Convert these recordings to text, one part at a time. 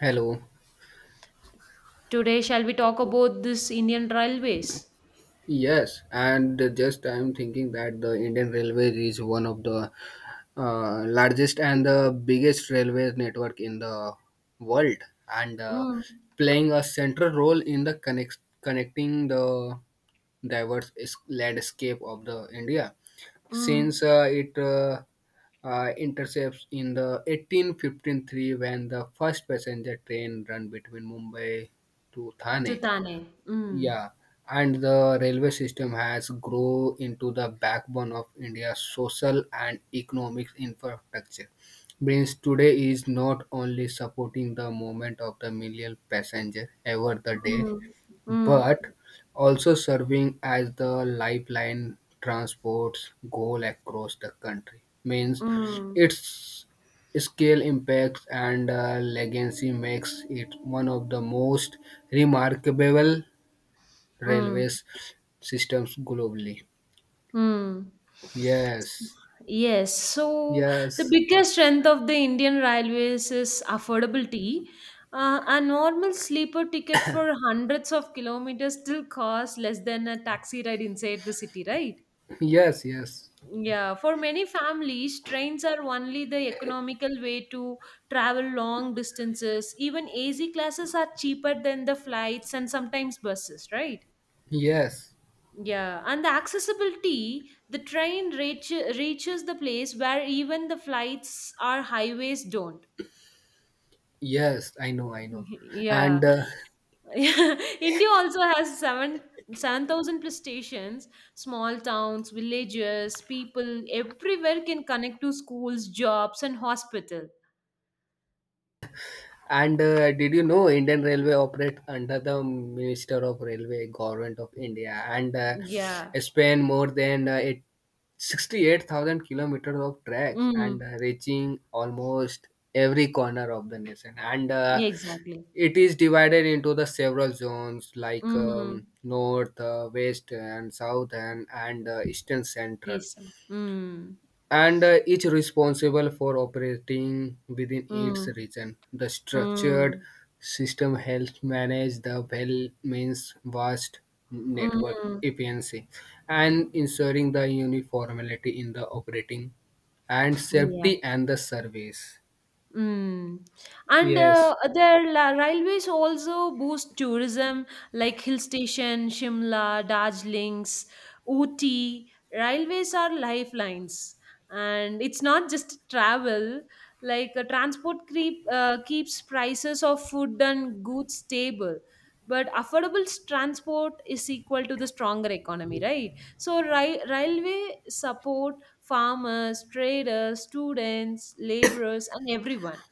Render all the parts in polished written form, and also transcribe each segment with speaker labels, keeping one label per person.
Speaker 1: Hello.
Speaker 2: Today, shall we talk about this Indian Railways?
Speaker 1: Yes, and just I'm thinking that the Indian Railway is one of the largest and the biggest railway network in the world, and
Speaker 2: Mm,
Speaker 1: playing a central role in the connecting the diverse landscape of the India. Since
Speaker 2: mm,
Speaker 1: it intercepts in the 1853 when the first passenger train run between Mumbai to
Speaker 2: to
Speaker 1: Thane.
Speaker 2: Thane. Mm,
Speaker 1: Yeah, and the railway system has grown into the backbone of India's social and economic infrastructure. Means today is not only supporting the movement of the million passenger ever the day,
Speaker 2: mm, mm,
Speaker 1: but also serving as the lifeline transports goal across the country. Means
Speaker 2: mm,
Speaker 1: its scale impacts and legacy makes it one of the most remarkable
Speaker 2: mm,
Speaker 1: railways systems globally.
Speaker 2: mm.
Speaker 1: Yes,
Speaker 2: Yes, so the
Speaker 1: yes,
Speaker 2: biggest strength of the Indian Railways is affordability. A normal sleeper ticket for hundreds of kilometers still costs less than a taxi ride inside the city, right?
Speaker 1: yes, yes,
Speaker 2: Yeah, for many families, trains are only the economical way to travel long distances. Even AC classes are cheaper than the flights and sometimes buses, right?
Speaker 1: yes,
Speaker 2: Yeah, and the accessibility, the train reaches the place where even the flights or highways don't.
Speaker 1: yes. I know, I know.
Speaker 2: Yeah.
Speaker 1: And uh,
Speaker 2: Yeah, India also has seven thousand plus stations, small towns, villages, people everywhere can connect to schools, jobs, and hospital.
Speaker 1: And Did you know Indian Railway operates under the Minister of Railway, Government of India, and uh,
Speaker 2: Yeah.
Speaker 1: span more than 68,000 kilometers of tracks and
Speaker 2: Mm.
Speaker 1: reaching almost every corner of the nation. And
Speaker 2: Yeah, exactly.
Speaker 1: it is divided into the several zones like
Speaker 2: Mm.
Speaker 1: north, west, and south, and eastern central
Speaker 2: Yes. Mm.
Speaker 1: and each responsible for operating within its
Speaker 2: Mm.
Speaker 1: region. The structured
Speaker 2: Mm.
Speaker 1: system helps manage the well means vast network
Speaker 2: Mm.
Speaker 1: efficiency and ensuring the uniformity in the operating and
Speaker 2: Yeah.
Speaker 1: safety and the service.
Speaker 2: Mm. And
Speaker 1: Yes,
Speaker 2: their railways also boost tourism, like hill station, Shimla, Darjeelings, Ooty. Railways are lifelines, and it's not just travel. Like transport creep, keeps prices of food and goods stable, but affordable transport is equal to the stronger economy, right? So, railway support farmers, traders, students, laborers, and everyone.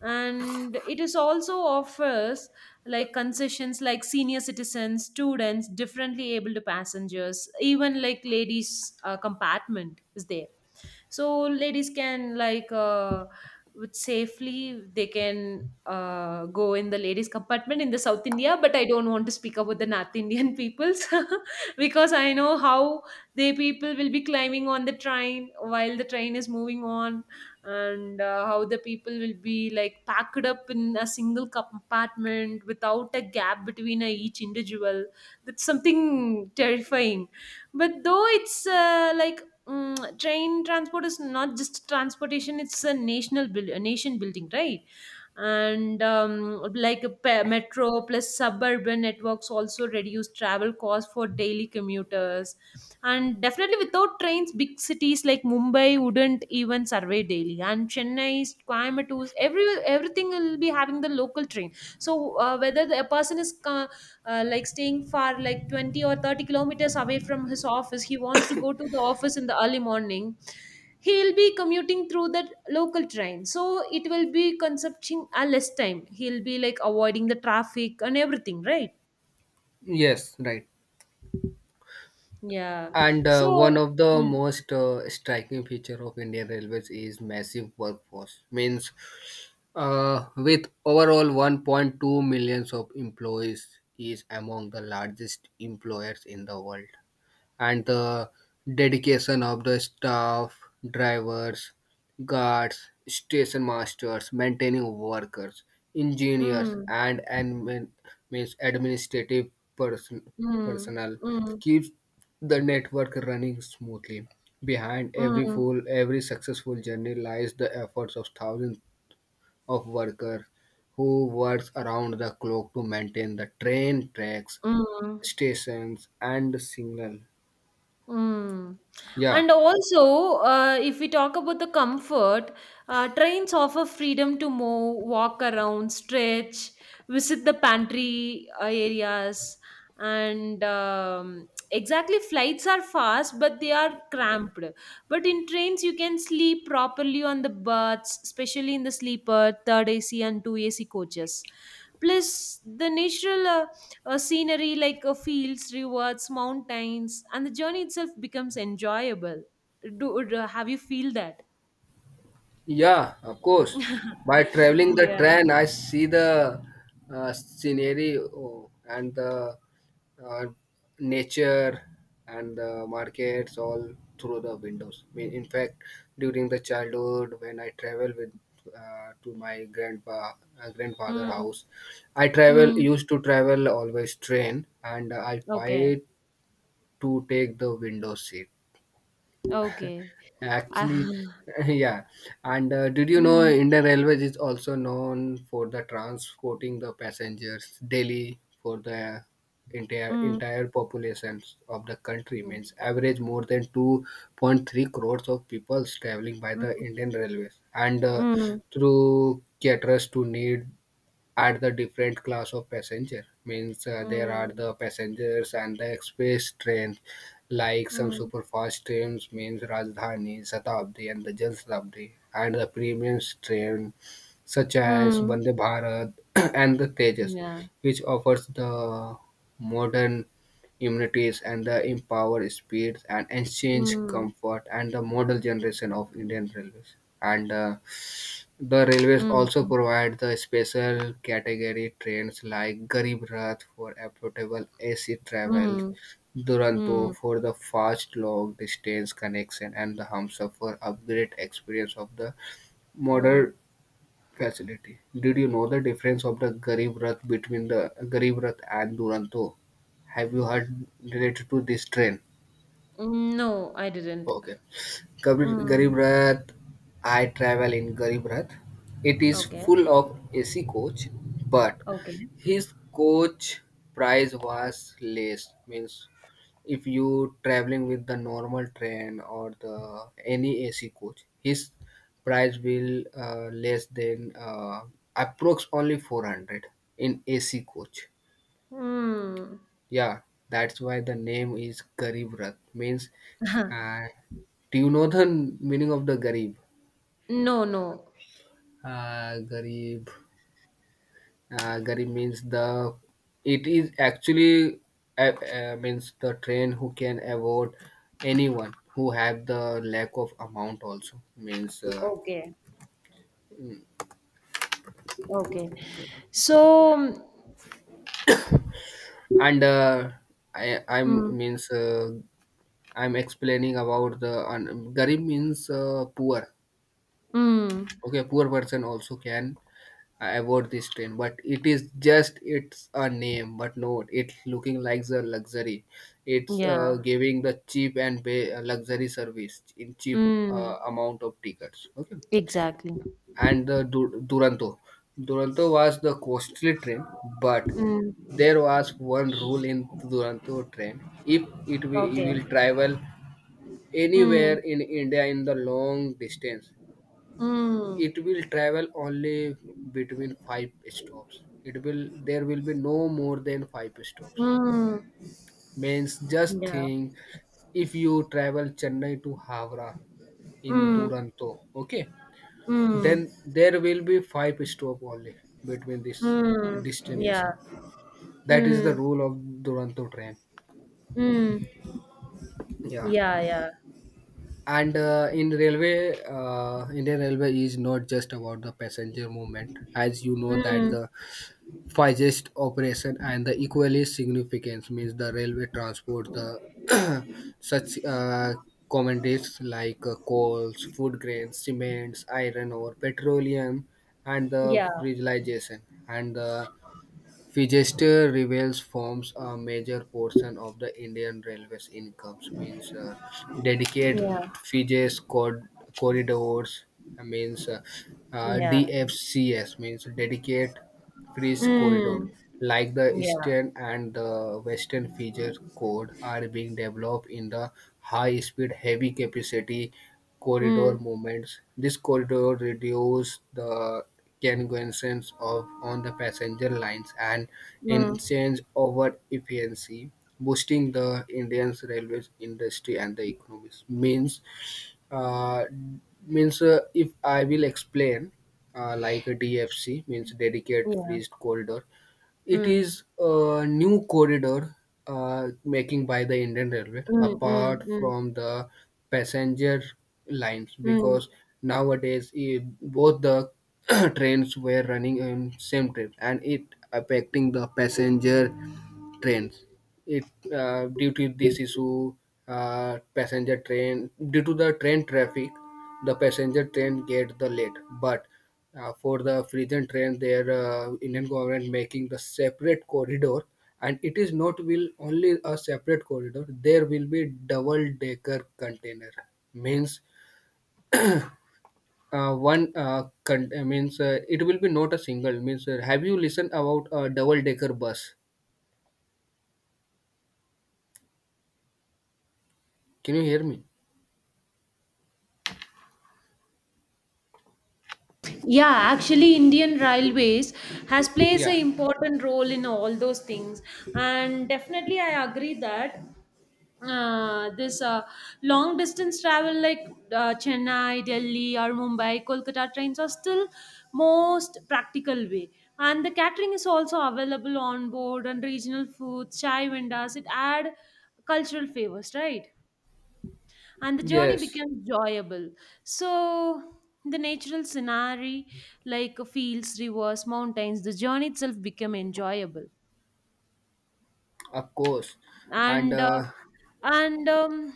Speaker 2: And it is also offers like concessions like senior citizens, students, differently able to passengers, even like ladies' compartment is there, so ladies can like with safely they can go in the ladies compartment in the South India. But I don't want to speak about the North Indian peoples because I know how they people will be climbing on the train while the train is moving on. And how the people will be like packed up in a single compartment without a gap between each individual. That's something terrifying, but though it's like mm train transport is not just transportation; it's a national build, a nation building, right? And like a metro plus suburban networks also reduce travel costs for daily commuters. And definitely without trains big cities like Mumbai wouldn't even survive daily, and Chennai, Coimbatore, everything will be having the local train. So whether a person is like staying far like 20 or 30 kilometers away from his office, he wants to go to the office in the early morning. He'll be commuting through the local train, so it will be consuming a less time. He'll be like avoiding the traffic and everything, right?
Speaker 1: yes, right.
Speaker 2: Yeah.
Speaker 1: And one
Speaker 2: So
Speaker 1: of the
Speaker 2: mm,
Speaker 1: most striking feature of Indian Railways is massive workforce. Means, with overall 1.2 millions of employees, is among the largest employers in the world and the dedication of the staff, drivers, guards, station masters, maintaining workers, engineers,
Speaker 2: mm,
Speaker 1: and admin, means administrative person,
Speaker 2: mm,
Speaker 1: personnel
Speaker 2: mm,
Speaker 1: keeps the network running smoothly. Behind
Speaker 2: mm,
Speaker 1: every successful journey lies the efforts of thousands of workers who works around the clock to maintain the train tracks,
Speaker 2: mm.
Speaker 1: stations, and signal.
Speaker 2: Mm.
Speaker 1: Yeah.
Speaker 2: And also, if we talk about the comfort, trains offer freedom to move, walk around, stretch, visit the pantry areas, and exactly flights are fast, but they are cramped. But in trains, you can sleep properly on the berths, especially in the sleeper, third AC, and two AC coaches. Plus, the natural a scenery like a fields, rivers, mountains, and the journey itself becomes enjoyable. Do have you feel that?
Speaker 1: Yeah, of course. By traveling the
Speaker 2: Yeah.
Speaker 1: train, I see the scenario and the uh, nature and the markets all through the windows. I mean, in fact, during the childhood, when I travel with to my grandpa grandfather
Speaker 2: Mm.
Speaker 1: house, I travel
Speaker 2: Mm.
Speaker 1: used to travel always train, and I
Speaker 2: Okay.
Speaker 1: fight to take the window seat.
Speaker 2: Okay. Uh,
Speaker 1: Actually, yeah. And did you know
Speaker 2: mm.
Speaker 1: Indian Railways is also known for the transporting the passengers daily for the
Speaker 2: Mm.
Speaker 1: entire populations of the country means average more than 2.3 crores of people traveling by the
Speaker 2: Mm.
Speaker 1: Indian Railways and
Speaker 2: Mm.
Speaker 1: through caterers to need at the different class of passenger means there are
Speaker 2: Mm. Mm.
Speaker 1: the passengers and the express trains like some
Speaker 2: Mm.
Speaker 1: super fast trains means rajdhani shatabdi and the jan shatabdi and the premium train such as
Speaker 2: Mm.
Speaker 1: Vande Bharat and the Tejas,
Speaker 2: Yeah.
Speaker 1: which offers the modern immunities and the empowered speed and exchange
Speaker 2: Mm.
Speaker 1: comfort and the model generation of Indian Railways. And the railways also
Speaker 2: Mm.
Speaker 1: provide the special category trains like Garib Rath for affordable AC travel,
Speaker 2: Mm.
Speaker 1: Duronto
Speaker 2: Mm.
Speaker 1: for the fast long distance connection, and the Hamsafar for upgrade experience of the modern
Speaker 2: Mm.
Speaker 1: facility. Did you know the difference of the Garib Rath between the Garib Rath and Duronto? Have you heard related to this train?
Speaker 2: Mm. No, I didn't.
Speaker 1: Okay.
Speaker 2: Mm.
Speaker 1: Garib Rath, I travel in Garib Rath. It is
Speaker 2: Okay.
Speaker 1: full of AC coach, but
Speaker 2: Okay.
Speaker 1: his coach price was less. Means if you traveling with the normal train or the any AC coach, his price will less than approx only 400 in AC coach.
Speaker 2: Mm.
Speaker 1: Yeah, that's why the name is Garib Rath. Means, uh, do you know the meaning of the Garib?
Speaker 2: No, no.
Speaker 1: Uh, garib, garib means the. It is actually means the train who can afford anyone who have the lack of amount also means
Speaker 2: Okay, okay. So,
Speaker 1: and I I'm
Speaker 2: mm,
Speaker 1: means I'm explaining about the garib means poor.
Speaker 2: mm,
Speaker 1: Okay, poor person also can avoid this train, but it is just it's a name but no it's looking like the luxury. It's
Speaker 2: yeah,
Speaker 1: giving the cheap and pay luxury service in cheap
Speaker 2: mm,
Speaker 1: amount of tickets. Okay,
Speaker 2: exactly.
Speaker 1: and the duranto, duranto was the costly train, but
Speaker 2: Mm,
Speaker 1: there was one rule in duranto train. If it
Speaker 2: okay.
Speaker 1: will travel anywhere
Speaker 2: Mm,
Speaker 1: in india in the long distance,
Speaker 2: mm,
Speaker 1: it will travel only between five stops. It will There will be no more than five stops.
Speaker 2: mm,
Speaker 1: Means just
Speaker 2: yeah.
Speaker 1: think, if you travel chennai to havra in
Speaker 2: Mm,
Speaker 1: duranto, okay, then
Speaker 2: mm,
Speaker 1: there will be five stop only between this
Speaker 2: mm,
Speaker 1: destination.
Speaker 2: yeah.
Speaker 1: That is the
Speaker 2: Mm,
Speaker 1: rule of duranto train.
Speaker 2: mm,
Speaker 1: Yeah,
Speaker 2: yeah, yeah.
Speaker 1: and in railway indian railway is not just about the passenger movement. As you know that
Speaker 2: Mm,
Speaker 1: the Physist operation and the equally significance means the railway transport the such commodities like coals, food grains, cements, iron ore, petroleum, and the
Speaker 2: yeah,
Speaker 1: fragilization and the Physist reveals forms a major portion of the Indian Railways incomes means dedicate
Speaker 2: yeah,
Speaker 1: Physist corridors means
Speaker 2: yeah.
Speaker 1: DFCS means dedicate French corridor,
Speaker 2: Mm,
Speaker 1: like the
Speaker 2: yeah.
Speaker 1: Eastern and the Western feature code, are being developed in the high-speed, heavy-capacity corridor
Speaker 2: Mm,
Speaker 1: movements. This corridor reduces the congestions of on the passenger lines and in
Speaker 2: mm,
Speaker 1: change over efficiency, boosting the Indian's railways industry and the economies. Means, uh, if I will explain like a DFC means dedicated
Speaker 2: yeah.
Speaker 1: freezed corridor. It
Speaker 2: Mm,
Speaker 1: is a new corridor making by the Indian Railway
Speaker 2: mm, mm,
Speaker 1: apart
Speaker 2: mm,
Speaker 1: from the passenger lines
Speaker 2: mm.
Speaker 1: because nowadays eh, both the trains were running in same trip and it affecting the passenger trains. It Due to this issue, passenger train due to the train traffic, the passenger train get the late. But for the Frisian train, their Indian government making the separate corridor, and it is not will only a separate corridor. There will be double decker container means. It will be not a single means have you listened about a double decker bus, can you hear me?
Speaker 2: Yeah, actually, Indian Railways has plays an
Speaker 1: Yeah,
Speaker 2: important role in all those things, and definitely, I agree that this long distance travel like Chennai, Delhi, or Mumbai, Kolkata trains are still most practical way. And the catering is also available on board, and regional foods, chai vendors. It add cultural favors, right? And the journey
Speaker 1: yes.
Speaker 2: becomes enjoyable. So the natural scenery like fields, rivers, mountains, the journey itself become enjoyable.
Speaker 1: Of course. And
Speaker 2: and uh, and um,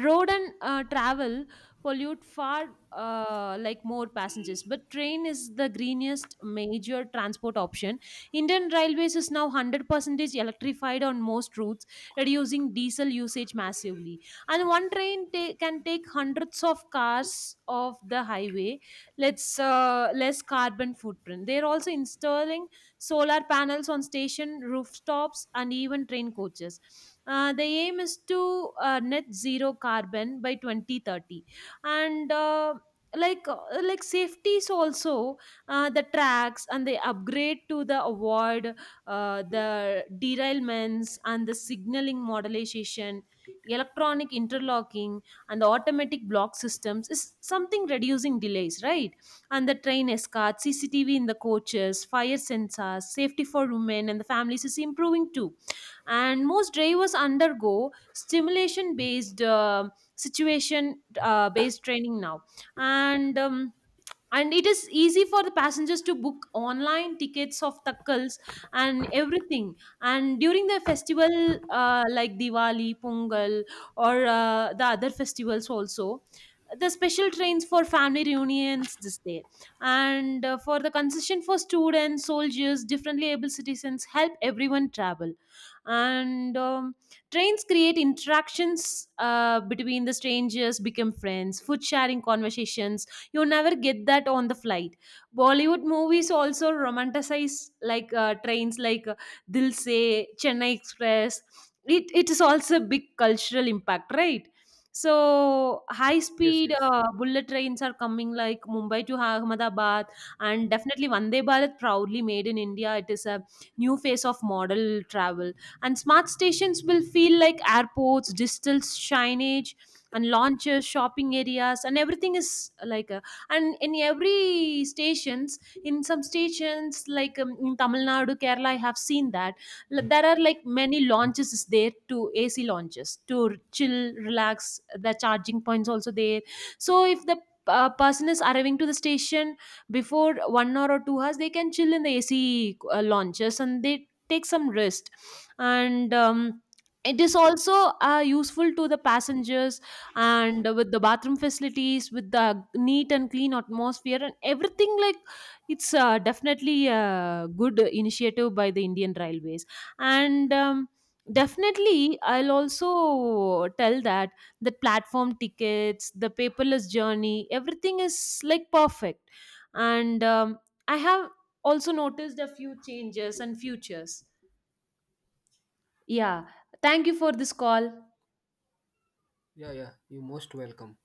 Speaker 2: road and travel pollute far, like more passengers, but train is the greenest major transport option. Indian Railways is now 100% electrified on most routes, reducing diesel usage massively. And one train can take hundreds of cars off the highway. Let's less carbon footprint. They're also installing solar panels on station rooftops, and even train coaches. The aim is to net zero carbon by 2030. And like uh, like safety is also the tracks and the upgrade to the avoid the derailments and the signaling modernization, electronic interlocking, and the automatic block systems is something reducing delays, right? And the train escorts, CCTV in the coaches, fire sensors, safety for women and the families is improving too. And most drivers undergo stimulation based, situation based training now. And um, and it is easy for the passengers to book online tickets of takkals and everything, and during the festival, like Diwali, Pongal, or the other festivals also, the special trains for family reunions this day. And for the concession for students, soldiers, differently able citizens help everyone travel. And trains create interactions between the strangers, become friends, food sharing, conversations. You never get that on the flight. Bollywood movies also romanticize like trains like Dil Se, Chennai Express. It is also a big cultural impact, right? So high
Speaker 1: yes,
Speaker 2: speed,
Speaker 1: yes.
Speaker 2: bullet trains are coming like Mumbai to Ahmedabad. And definitely Vande Bharat, proudly made in India, it is a new phase of model travel. And smart stations will feel like airports, digital signage, and launches, shopping areas, and everything is like a. And in every stations, in some stations like in Tamil Nadu, Kerala, I have seen that there are like many launches is there to AC launches to chill, relax. The charging points also there. So if the person is arriving to the station before 1 hour or 2 hours, they can chill in the AC launches, and they take some rest. And it is also useful to the passengers and with the bathroom facilities with the neat and clean atmosphere and everything like it's definitely a good initiative by the Indian Railways. And definitely I'll also tell that the platform tickets, the paperless journey, everything is like perfect. And I have also noticed a few changes and futures. Yeah, thank you for this call.
Speaker 1: Yeah, yeah. You're most welcome.